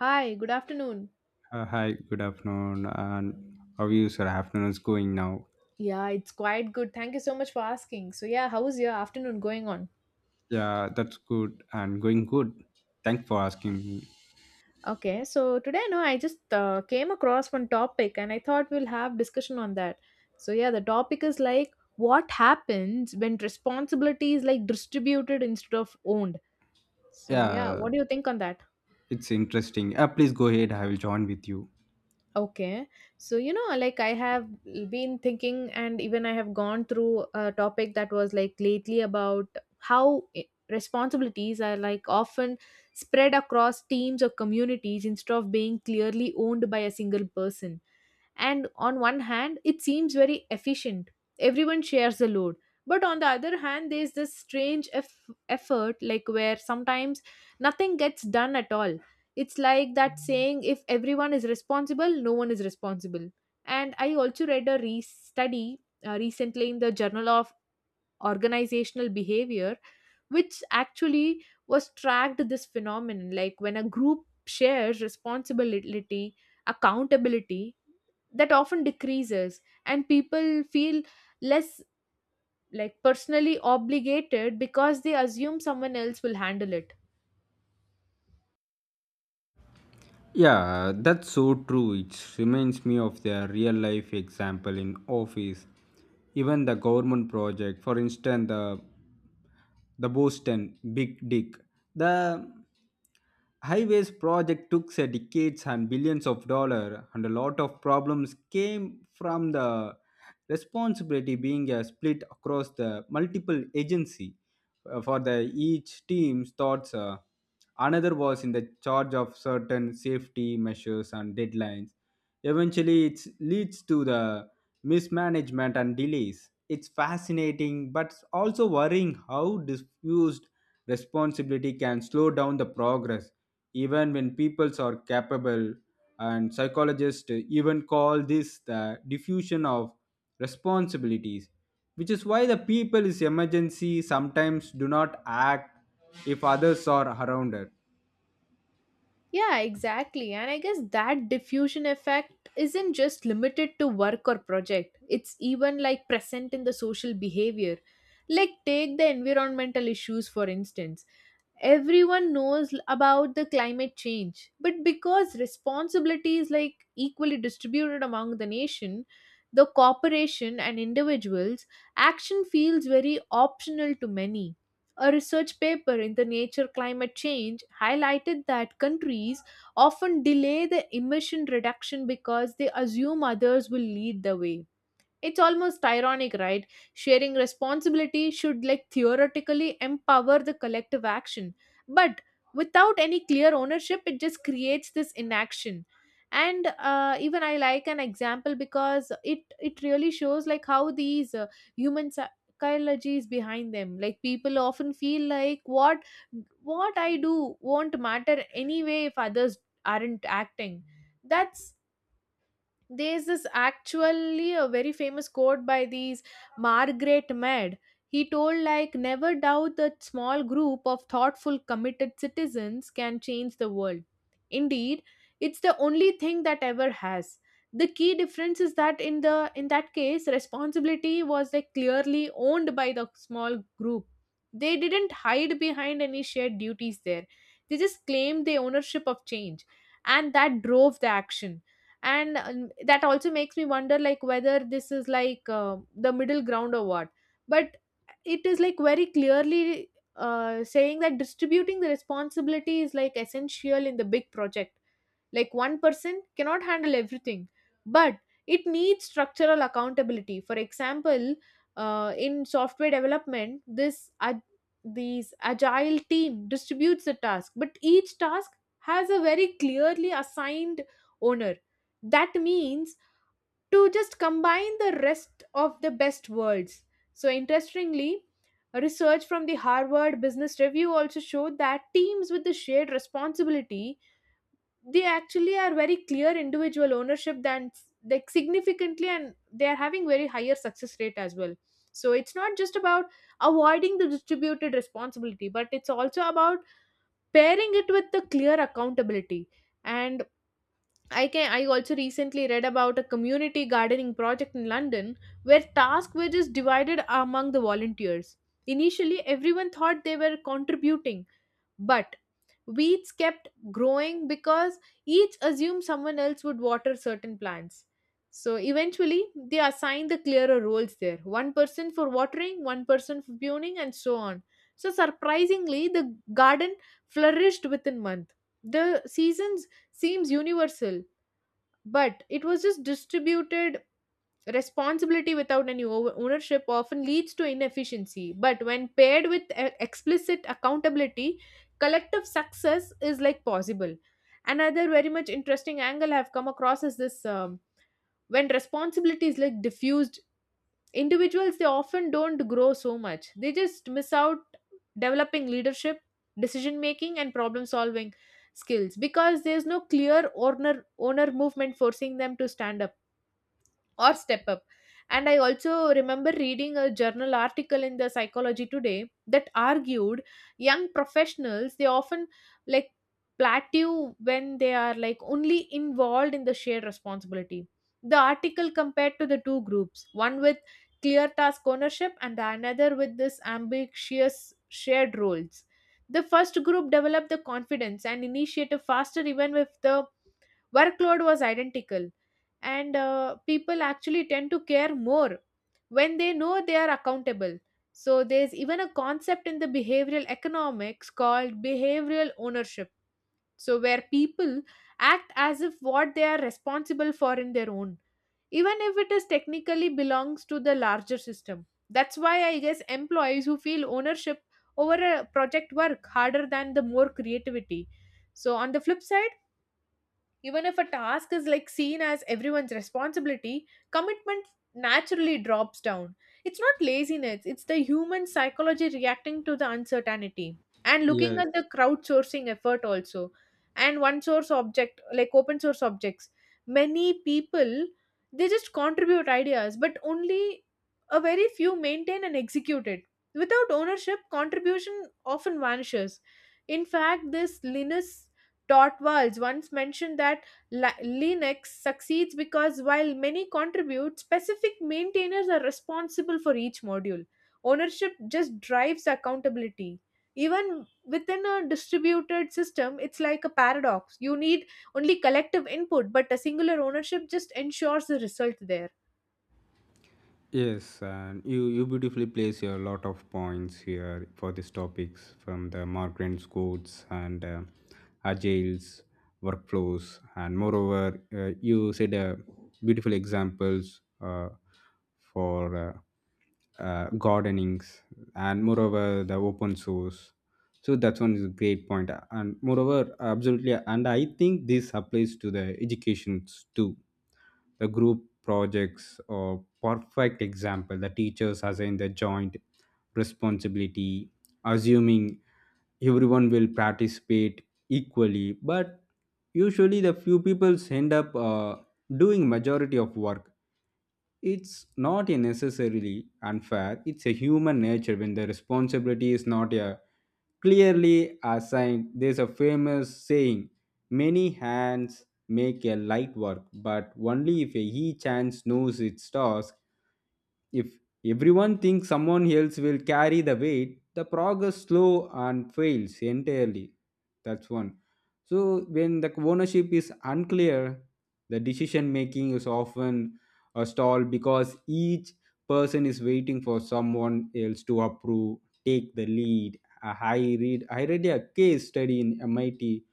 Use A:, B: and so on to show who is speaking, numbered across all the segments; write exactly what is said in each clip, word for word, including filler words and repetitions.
A: Hi, good afternoon.
B: Uh, hi, good afternoon. And how is your afternoon is going now?
A: Yeah, it's quite good. Thank you so much for asking. So, yeah, how is your afternoon going on?
B: Yeah, that's good and going good. Thanks for asking me.
A: Okay, so today, no, I just uh, came across one topic and I thought we'll have discussion on that. So, yeah, the topic is like what happens when responsibility is like distributed instead of owned. So, yeah,
B: Yeah,
A: what do you think on that?
B: it's interesting. Uh, please go ahead. I will join with you.
A: Okay. So, you know, like I have been thinking, and even I have gone through a topic that was like lately about how i- responsibilities are like often spread across teams or communities instead of being clearly owned by a single person. And on one hand it seems very efficient, everyone shares the load, but on the other hand there's this strange eff- effort like where sometimes nothing gets done at all. It's like that saying, if everyone is responsible, no one is responsible. And I also read a re- study uh, recently in the Journal of Organizational Behavior, which actually was tracked this phenomenon like when a group shares responsibility, accountability, that often decreases and people feel less like personally obligated because they assume someone else will handle it.
B: Yeah, that's so true. It reminds me of the real life example in office. Even the government project, for instance, the the Boston Big Dick. The Highways project took uh, decades and billions of dollars, and a lot of problems came from the responsibility being uh, split across the multiple agency. Uh, for the each team's thoughts, uh, another was in the charge of certain safety measures and deadlines. Eventually, it leads to the mismanagement and delays. It's fascinating, but also worrying how diffused responsibility can slow down the progress even when peoples are capable, and psychologists even call this the diffusion of responsibilities, which is why the people is emergency sometimes do not act if others are around it.
A: Yeah, exactly. And I guess that diffusion effect isn't just limited to work or project, it's even like present in the social behavior. Like, take the environmental issues for instance. Everyone knows about the climate change, but because responsibility is like equally distributed among the nation, the corporation and individuals, action feels very optional to many. A research paper in the Nature Climate Change highlighted that countries often delay the emission reduction because they assume others will lead the way. It's almost ironic, right? Sharing responsibility should like theoretically empower the collective action, but without any clear ownership, it just creates this inaction. And uh, even I like an example because it it really shows like how these uh, human psychology is behind them. Like people often feel like what what I do won't matter anyway if others aren't acting. That's there's this actually a very famous quote by these Margaret Mead. He told like, never doubt that small group of thoughtful committed citizens can change the world. Indeed, it's the only thing that ever has. The key difference is that in the in that case responsibility was like clearly owned by the small group. They didn't hide behind any shared duties there. They just claimed the ownership of change and that drove the action. And um, that also makes me wonder like whether this is like uh, the middle ground or what, but it is like very clearly uh, saying that distributing the responsibility is like essential in the big project, like one person cannot handle everything, but it needs structural accountability. For example, uh, in software development, this ag- these agile team distributes the task, but each task has a very clearly assigned owner. That means to just combine the rest of the best words. So interestingly, a research from the Harvard Business Review also showed that teams with the shared responsibility, they actually are very clear individual ownership than, like, significantly, and they are having very higher success rate as well. So it's not just about avoiding the distributed responsibility, but it's also about pairing it with the clear accountability. And i can i also recently read about a community gardening project in London where task were just divided among the volunteers. Initially everyone thought they were contributing, but weeds kept growing because each assumed someone else would water certain plants. So eventually, they assigned the clearer roles there, one person for watering, one person for pruning, and so on. So surprisingly, the garden flourished within month. The seasons seems universal, but it was just distributed. Responsibility without any over- ownership often leads to inefficiency, but when paired with e- explicit accountability, collective success is like possible. Another very much interesting angle I've come across is this um, when responsibility is like diffused, individuals, they often don't grow so much. They just miss out developing leadership, decision making, and problem solving skills because there's no clear owner owner movement forcing them to stand up or step up. And I also remember reading a journal article in the Psychology Today that argued young professionals they often like plateau when they are like only involved in the shared responsibility. The article compared to the two groups, one with clear task ownership and the another with this ambitious shared roles. The first group developed the confidence and initiative faster even if the workload was identical. And uh, people actually tend to care more when they know they are accountable. So there's even a concept in the behavioral economics called behavioral ownership, so where people act as if what they are responsible for in their own, even if it is technically belongs to the larger system. That's why I guess employees who feel ownership over a project work harder than the more creativity. So on the flip side, even if a task is like seen as everyone's responsibility, commitment naturally drops down. It's not laziness, it's the human psychology reacting to the uncertainty. And looking
B: Yes.
A: at the crowdsourcing effort also. And one source object, like open source objects, many people they just contribute ideas, but only a very few maintain and execute it. Without ownership, contribution often vanishes. In fact, this Linus Torvalds once mentioned that Li- Linux succeeds because while many contribute, specific maintainers are responsible for each module. Ownership just drives accountability. Even within a distributed system, it's like a paradox. You need only collective input, but a singular ownership just ensures the result there.
B: Yes, and you, you beautifully place a lot of points here for these topics, from the migrant codes and uh, agiles workflows. And moreover, uh, you said uh, beautiful examples uh, for uh, uh, gardenings, and moreover the open source. So that's one is a great point. Uh, and moreover, absolutely, and I think this applies to the educations too. The group projects or perfect example, the teachers assign the joint responsibility assuming everyone will participate equally, but usually the few people end up uh, doing majority of work. It's not a necessarily unfair, it's a human nature when the responsibility is not a clearly assigned. There's a famous saying, many hands make a light work, but only if a each hand knows its task. If everyone thinks someone else will carry the weight, the progress slow and fails entirely. That's one. So when the ownership is unclear, the decision making is often a stall because each person is waiting for someone else to approve, take the lead. Uh, I read I read a case study in M I T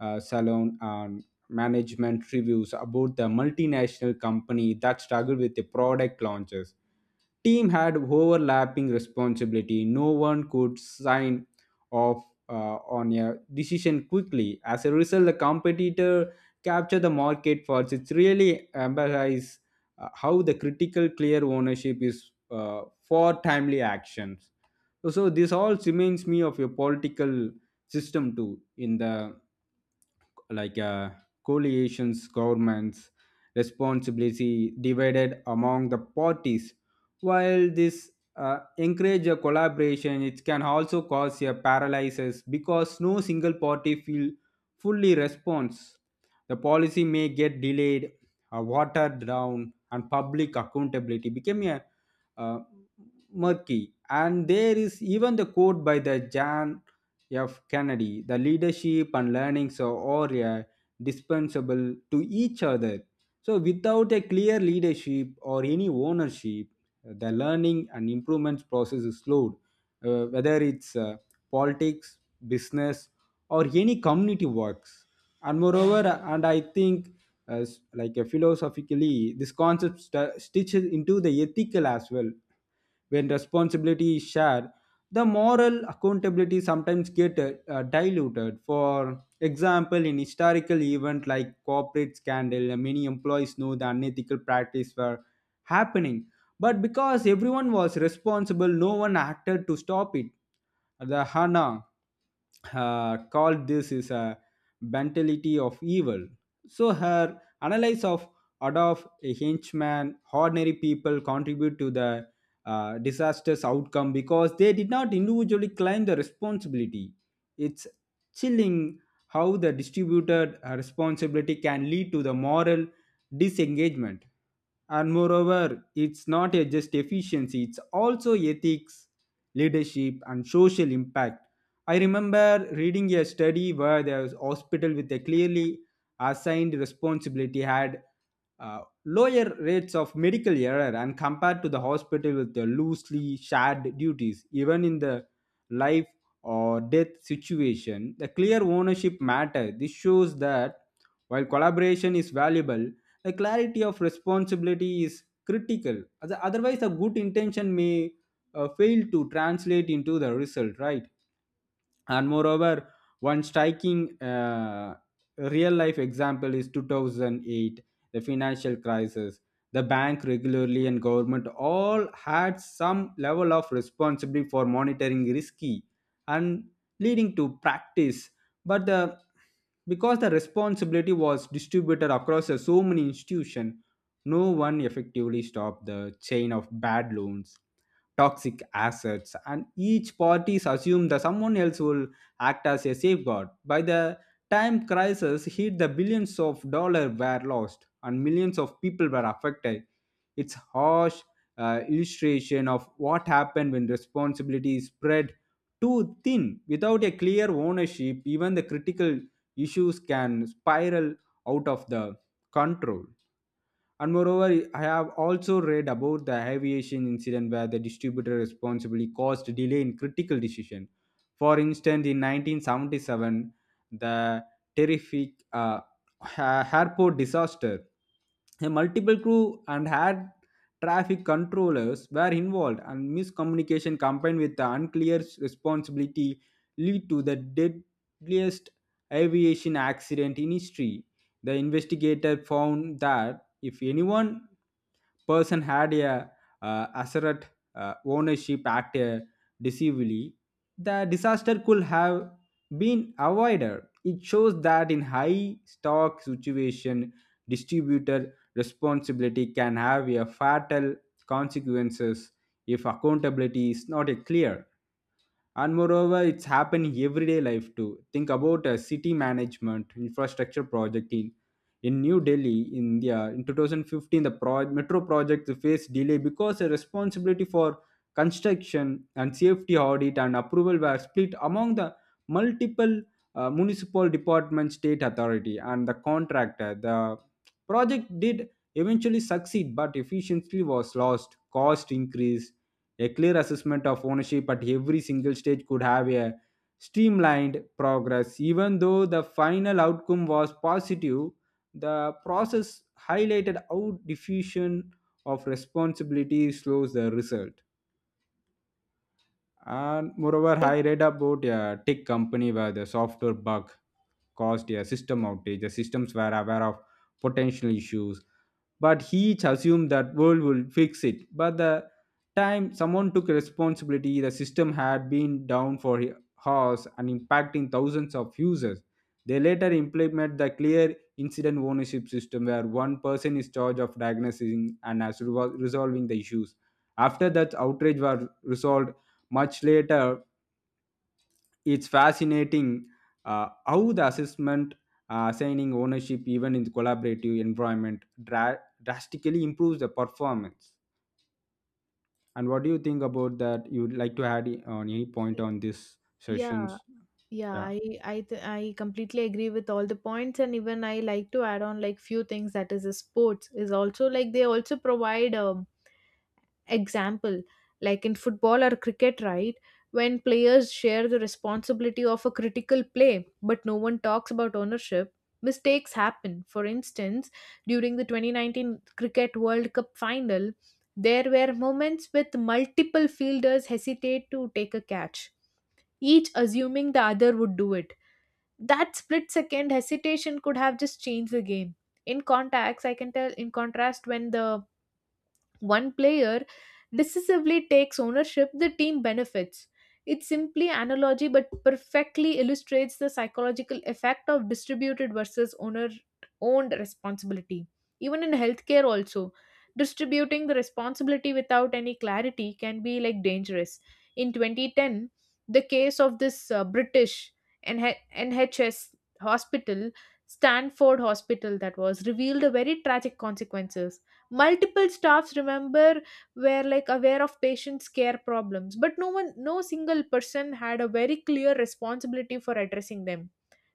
B: uh, Salon and management reviews about the multinational company that struggled with the product launches. Team had overlapping responsibility. No one could sign off uh, on a decision quickly. As a result, the competitor captured the market first. It's really emphasized uh, how the critical clear ownership is uh, for timely actions. So, so this all reminds me of a political system too, in the like uh, coalitions, governments, responsibility divided among the parties. While this uh, encourage a collaboration, it can also cause a paralysis because no single party feel fully response. The policy may get delayed, uh, watered down, and public accountability became a uh, murky. And there is even the quote by the Jan F. Kennedy, the leadership and learnings are uh, dispensable to each other. So, without a clear leadership or any ownership, the learning and improvement process is slowed, uh, whether it's uh, politics, business, or any community works. And moreover, and I think uh, s- like uh, philosophically, this concept st- stitches into the ethical as well. When responsibility is shared, the moral accountability sometimes get uh, uh, diluted. For example, in historical event like corporate scandal, uh, many employees know the unethical practice were happening, but because everyone was responsible, no one acted to stop it. The Hana uh, called this is a mentality of evil. So her analysis of Adolf, a henchman, ordinary people contribute to the uh, disastrous outcome because they did not individually claim the responsibility. It's chilling how the distributed uh, responsibility can lead to the moral disengagement. And moreover, it's not a just efficiency, it's also ethics, leadership, and social impact. I remember reading a study where the hospital with a clearly assigned responsibility had uh, lower rates of medical error and compared to the hospital with the loosely shared duties. Even in the life or death situation, the clear ownership matter. This shows that while collaboration is valuable, the clarity of responsibility is critical. Other- otherwise, a good intention may uh, fail to translate into the result, right? And moreover, one striking uh, real life example is two thousand eight, the financial crisis. The bank regularly and government all had some level of responsibility for monitoring risky and leading to practice, but the because the responsibility was distributed across the so many institutions, no one effectively stopped the chain of bad loans, toxic assets, and each parties assume that someone else will act as a safeguard. By the time crisis hit, the billions of dollars were lost and millions of people were affected. It's harsh uh, illustration of what happened when responsibility is spread too thin. Without a clear ownership, even the critical issues can spiral out of the control. And moreover, I have also read about the aviation incident where the distributor responsibly caused delay in critical decision. For instance, in nineteen seventy-seven, the terrific uh, ha- airport disaster, a multiple crew and air traffic controllers were involved, and miscommunication combined with the unclear responsibility lead to the deadliest aviation accident in history. The investigator found that if anyone person had a uh, asset uh, ownership act uh, deceivably, the disaster could have been avoided. It shows that in high stock situation, distributor responsibility can have a fatal consequences if accountability is not uh, clear. And moreover, it's happened in everyday life too. Think about uh, city management infrastructure project in in new delhi india in twenty fifteen. The pro- metro project faced delay because the responsibility for construction and safety audit and approval were split among the multiple uh, municipal department, state authority, and the contractor. The project did eventually succeed, but efficiency was lost, cost increased. A clear assessment of ownership at every single stage could have a streamlined progress. Even though the final outcome was positive, the process highlighted how diffusion of responsibility slows the result. And moreover,
A: I-
B: I read about a tech company where the software bug caused a system outage. The systems were aware of potential issues, but he each assumed that world will fix it. But the time someone took responsibility, the system had been down for hours and impacting thousands of users. They later implement the clear incident ownership system where one person is charged of diagnosing and as resol- resolving the issues. After that, outrage were resolved much later. It's fascinating uh, how the assessment uh, assigning ownership even in the collaborative environment dra- drastically improves the performance. And what do you think about that? You'd like to add i- on any point on this
A: Yeah.
B: sessions?
A: Yeah,
B: Yeah.
A: I I th- I completely agree with all the points, and even I like to add on like few things, that is, uh, sports is also like they also provide um example, like in football or cricket, right? When players share the responsibility of a critical play, but no one talks about ownership, mistakes happen. For instance, during the twenty nineteen Cricket World Cup final, there were moments with multiple fielders hesitate to take a catch, each assuming the other would do it. That split second hesitation could have just changed the game. In contacts i can tell in contrast, when the one player decisively takes ownership, the team benefits. It's simply analogy but perfectly illustrates the psychological effect of distributed versus owner owned responsibility. Even in healthcare also, distributing the responsibility without any clarity can be like dangerous. In twenty ten, the case of this uh, British N H- N H S hospital, Stanford Hospital, that was revealed a very tragic consequences. Multiple staffs remember were like aware of patients care problems, but no one no single person had a very clear responsibility for addressing them.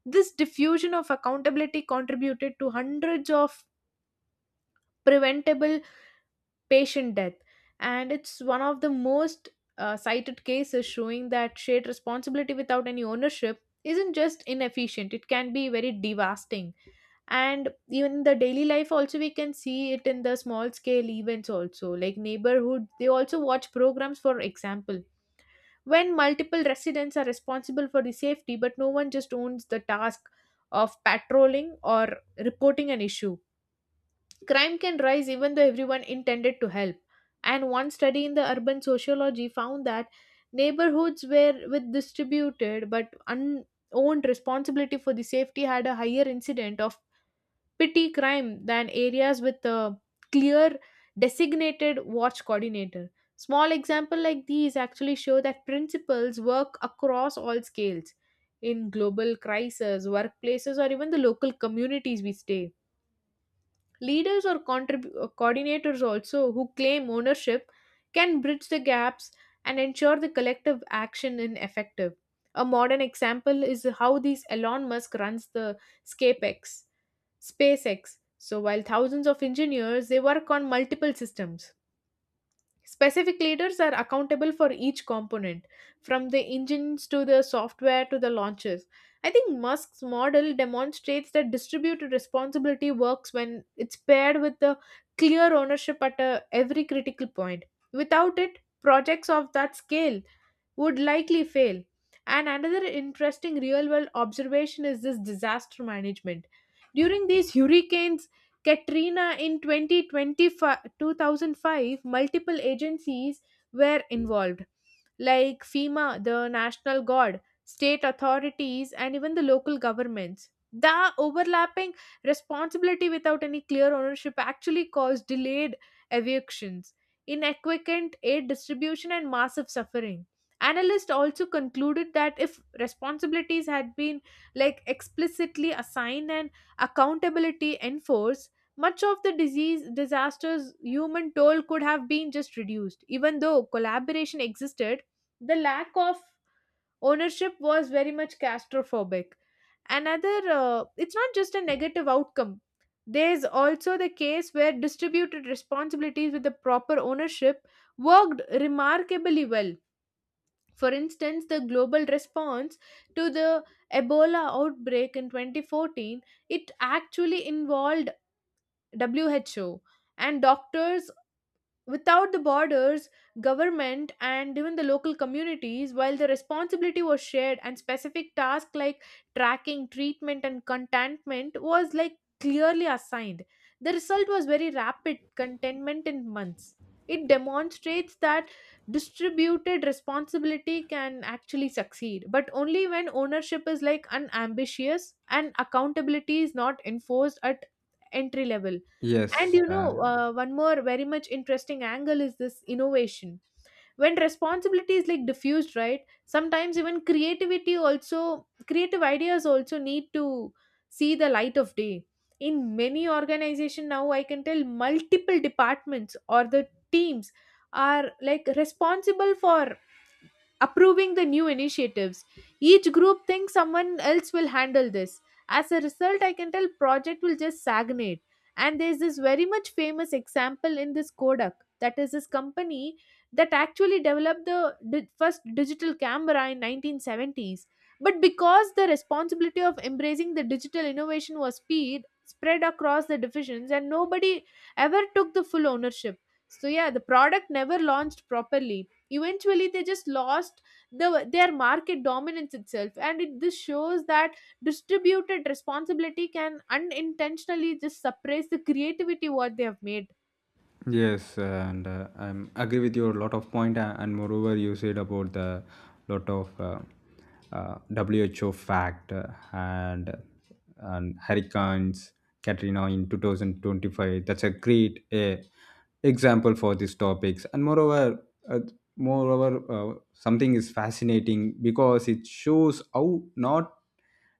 A: This diffusion of accountability contributed to hundreds of preventable patient death. And it's one of the most uh, cited cases showing that shared responsibility without any ownership isn't just inefficient, it can be very devastating. And even in the daily life, also, we can see it in the small scale events, also like neighborhood, they also watch programs, for example. When multiple residents are responsible for the safety, but no one just owns the task of patrolling or reporting an issue, crime can rise even though everyone intended to help. And one study in the urban sociology found that neighborhoods where with distributed but unowned responsibility for the safety had a higher incident of petty crime than areas with a clear designated watch coordinator. Small example like these actually show that principles work across all scales in global crises, workplaces, or even the local communities we stay. Leaders or contrib- uh, coordinators, also, who claim ownership, can bridge the gaps and ensure the collective action is effective. A modern example is how these Elon Musk runs the ScapeX, SpaceX. So while thousands of engineers, they work on multiple systems. Specific leaders are accountable for each component, from the engines to the software to the launches. I think Musk's model demonstrates that distributed responsibility works when it's paired with the clear ownership at a, every critical point. Without it, projects of that scale would likely fail. And another interesting real world observation is this disaster management. During these hurricanes, Katrina in twenty twenty-five, two thousand five, multiple agencies were involved, like FEMA, the National Guard, state authorities, and even the local governments. The overlapping responsibility without any clear ownership actually caused delayed evictions, inadequate aid distribution, and massive suffering. Analysts also concluded that if responsibilities had been like explicitly assigned and accountability enforced, much of the disease disasters human toll could have been just reduced. Even though collaboration existed, the lack of ownership was very much catastrophic. Another, uh, it's not just a negative outcome. There's also the case where distributed responsibilities with the proper ownership worked remarkably well, for instance, the global response to the Ebola outbreak in twenty fourteen. It actually involved W H O and doctors without the borders, government, and even the local communities. While the responsibility was shared and specific tasks like tracking, treatment, and contentment was like clearly assigned, the result was very rapid contentment in months. It demonstrates that distributed responsibility can actually succeed, but only when ownership is like unambitious and accountability is not enforced at entry level. And
B: Yes.
A: you
B: Uh,
A: know, uh, one more very much interesting angle is this innovation. When responsibility is like diffused, right? Sometimes even creativity also, creative ideas also need to see the light of day. In many organization now, I can tell multiple departments or the teams are like responsible for approving the new initiatives. Each group thinks someone else will handle this. As a result, I can tell project will just stagnate. And there's this very much famous example in this Kodak, that is this company that actually developed the di- first digital camera in nineteen seventies. But because the responsibility of embracing the digital innovation was speed spread across the divisions and nobody ever took the full ownership. So yeah, the product never launched properly, eventually they just lost the their market dominance itself. And it this shows that distributed responsibility can unintentionally just suppress the creativity what they have made.
B: Yes, and uh, I'm agree with your lot of point, a- and moreover, you said about the lot of uh, uh, W H O fact uh, and and hurricanes Katrina in two thousand twenty-five. That's a great uh, example for these topics, and moreover, uh, moreover, uh, something is fascinating because it shows how not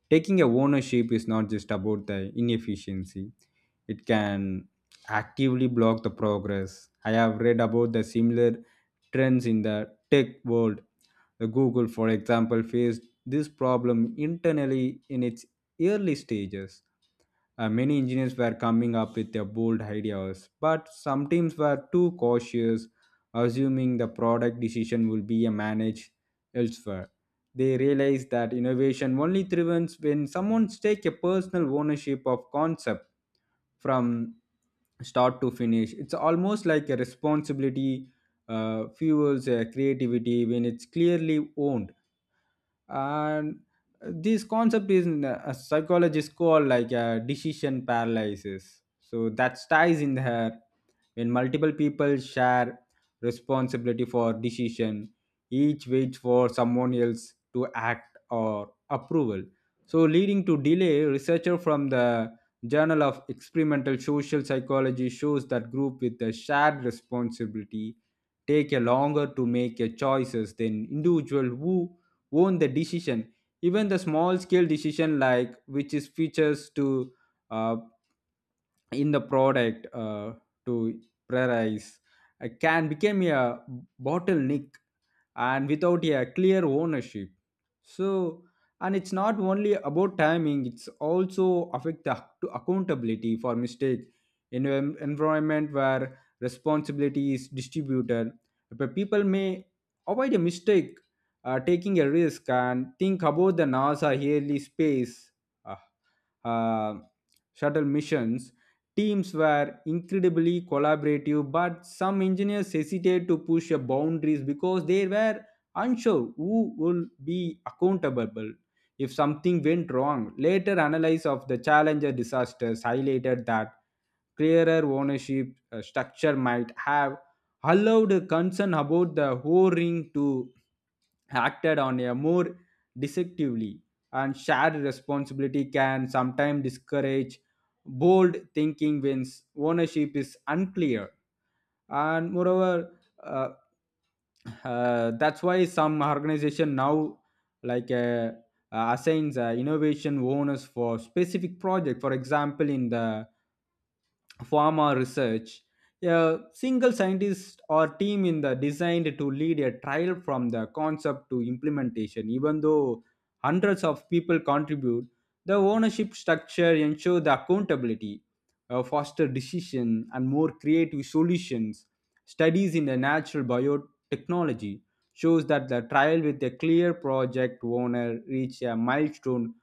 B: taking a ownership is not just about the inefficiency; it can actively block the progress. I have read about the similar trends in the tech world. The Google, for example, faced this problem internally in its early stages. Uh, many engineers were coming up with their bold ideas, but some teams were too cautious, assuming the product decision will be uh, managed elsewhere. They realized that innovation only thrives when someone takes a personal ownership of concept from start to finish. It's almost like a responsibility uh, fuels uh, creativity when it's clearly owned. And uh, this concept is a psychologist called like a decision paralysis, so that ties in her. When multiple people share responsibility for decision, each waits for someone else to act or approval, so leading to delay. Researcher from the journal of experimental social psychology shows that group with a shared responsibility take a longer to make a choices than individual who own the decision. Even the small scale decision, like which is features to uh, in the product uh, to prioritize, uh, can become a bottleneck, and without a clear ownership. So, and it's not only about timing, it's also affect the ac- accountability for mistake. In an environment where responsibility is distributed, but people may avoid a mistake, uh, taking a risk. And think about the nasa yearly space uh, uh, shuttle missions, teams were incredibly collaborative, but some engineers hesitated to push the boundaries because they were unsure who would be accountable if something went wrong. Later analysis of the Challenger disasters highlighted that clearer ownership uh, structure might have allowed a concern about the whole ring to acted on a more deceptively. And shared responsibility can sometimes discourage bold thinking when ownership is unclear. And moreover, uh, uh, that's why some organization now like uh, uh, assigns uh, innovation owners for specific project. For example, in the pharma research, a single scientist or team in the designed to lead a trial from the concept to implementation. Even though hundreds of people contribute, the ownership structure ensure the accountability, uh, faster decision and more creative solutions. Studies in the natural biotechnology shows that the trial with a clear project owner reach a milestone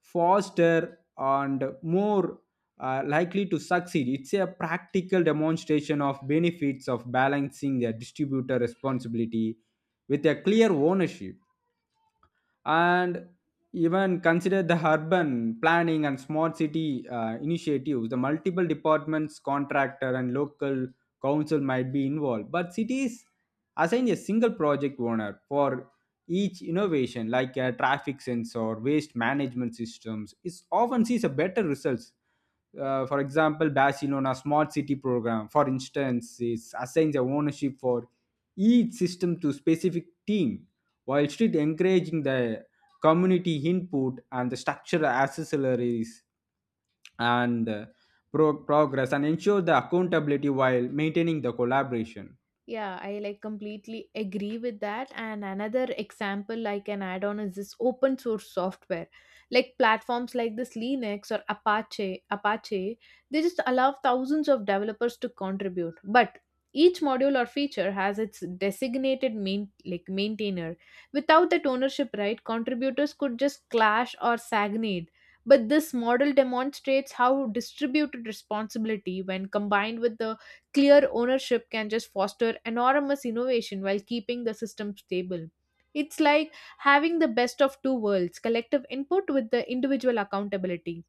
B: faster and more uh, likely to succeed. It's a practical demonstration of benefits of balancing their distributor responsibility with a clear ownership. And even consider the urban planning and smart city uh, initiatives. The multiple departments, contractor, and local council might be involved, but cities assign a single project owner for each innovation like a traffic sensor, waste management systems is often sees a better results. Uh, for example, Barcelona smart city program, for instance, is assigns the ownership for each system to specific team, while still encouraging the community input and the structural accessories and uh, pro- progress and ensure the accountability while maintaining the collaboration.
A: Yeah, I like completely agree with that. And another example I can add on is this open source software. Like platforms like this Linux or Apache, Apache, they just allow thousands of developers to contribute. But each module or feature has its designated main like maintainer. Without that ownership right, contributors could just clash or stagnate. But this model demonstrates how distributed responsibility, when combined with the clear ownership, can just foster enormous innovation while keeping the system stable. It's like having the best of two worlds, collective input with the individual accountability.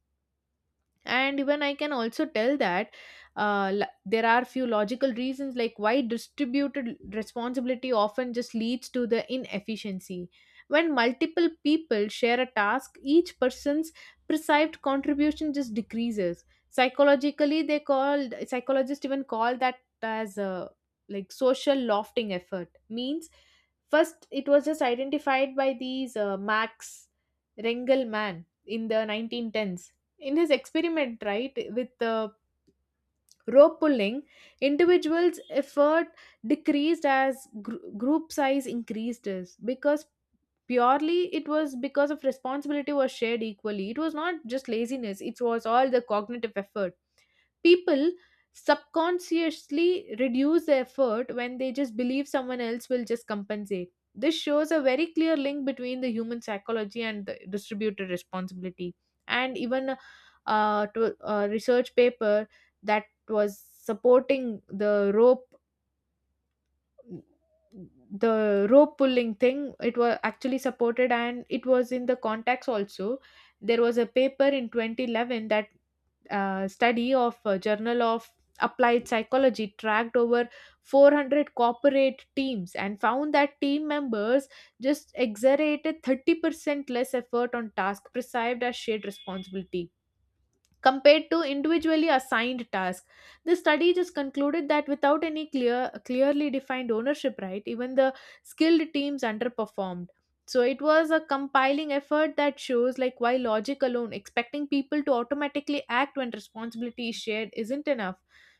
A: And even I can also tell that uh, l- there are few logical reasons like why distributed responsibility often just leads to the inefficiency. When multiple people share a task, each person's perceived contribution just decreases. Psychologically, they called, psychologists even call that as a like social lofting effort means. First, it was just identified by these uh, Max Rengelman in the nineteen tens. In his experiment, right, with the rope pulling, individuals effort decreased as gr- group size increased. Is because purely it was because of responsibility was shared equally. It was not just laziness, it was all the cognitive effort. People subconsciously reduce the effort when they just believe someone else will just compensate. This shows a very clear link between the human psychology and the distributed responsibility. And even uh, to a research paper that was supporting the rope, the rope pulling thing, it was actually supported, and it was in the context also. There was a paper in twenty eleven that, uh, study of uh, Journal of Applied Psychology, tracked over four hundred corporate teams and found that team members just exerted thirty percent less effort on tasks perceived as shared responsibility compared to individually assigned tasks. The study just concluded that without any clear, clearly defined ownership right, even the skilled teams underperformed. So it was a compiling effort that shows like why logic alone, expecting people to automatically act when responsibility is shared, isn't enough.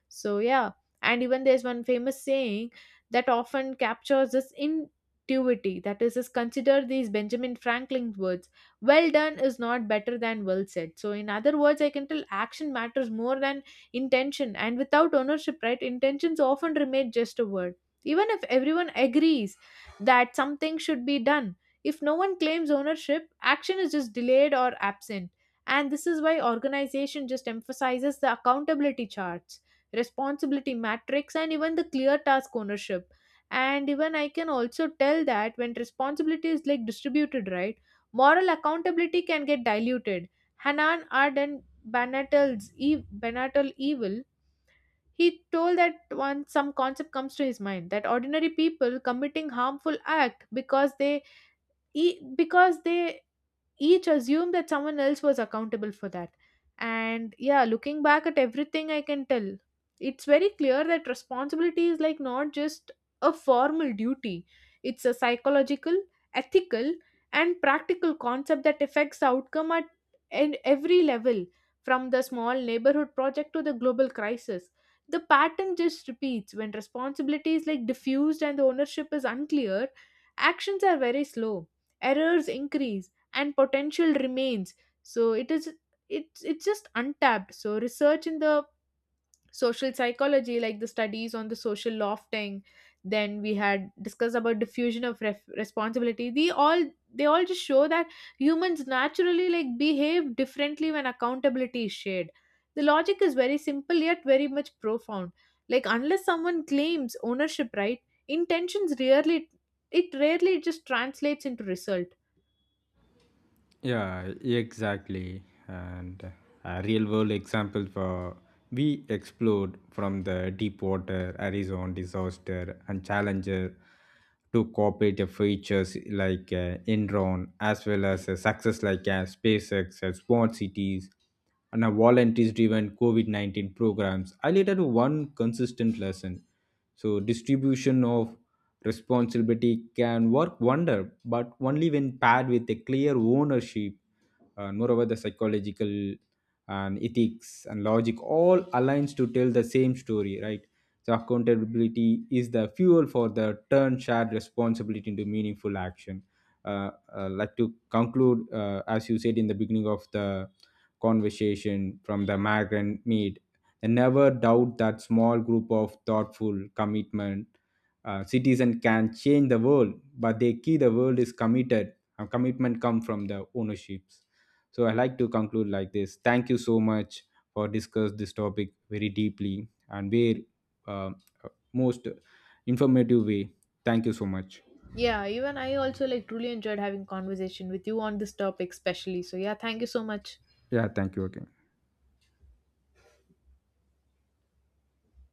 A: So yeah, and even there's one famous saying that often captures this intuity. That is, is consider these Benjamin Franklin words, well done is not better than well said. So, in other words, I can tell action matters more than intention. And without ownership, right, intentions often remain just a word. Even if everyone agrees that something should be done, if no one claims ownership, action is just delayed or absent. And this is why organization just emphasizes the accountability charts, responsibility matrix, and even the clear task ownership. And even I can also tell that when responsibility is like distributed, right? Moral accountability can get diluted. Hanan Arden Banatel's e- Banatel evil, he told that once some concept comes to his mind that ordinary people committing harmful act because they e- because they each assumed that someone else was accountable for that. And yeah, looking back at everything, I can tell it's very clear that responsibility is like not just a formal duty, it's a psychological, ethical, and practical concept that affects the outcome at and every level, from the small neighborhood project to the global crisis. The pattern just repeats when responsibility is like diffused and the ownership is unclear, actions are very slow, errors increase, and potential remains. So it is, it's it's just untapped. So research in the social psychology, like the studies on the social lofting, then we had discussed about diffusion of ref- responsibility, they all they all just show that humans naturally like behave differently when accountability is shared. The logic is very simple yet very much profound. Like unless someone claims ownership right, intentions rarely, it rarely just translates into result.
B: Yeah, exactly. And a real world example for we explored from the Deepwater, Arizona disaster, and Challenger to cooperative features like uh, Enron, as well as a success like uh, SpaceX, uh, Smart Cities, and a volunteers driven COVID nineteen programs highlighted one consistent lesson. So, distribution of responsibility can work wonder, but only when paired with a clear ownership. And moreover, the psychological and ethics and logic all aligns to tell the same story, right? So, accountability is the fuel for the turn shared responsibility into meaningful action. Uh, uh, like to conclude, uh, as you said in the beginning of the conversation from the migrant maid. I never doubt that small group of thoughtful, commitment uh, citizen can change the world, but the key the world is committed. And commitment come from the ownerships. So I like to conclude like this. Thank you so much for discuss this topic very deeply and very uh, most informative way. Thank you so much.
A: Yeah, even I also like truly enjoyed having conversation with you on this topic especially. So yeah, thank you so much.
B: Yeah, thank you again.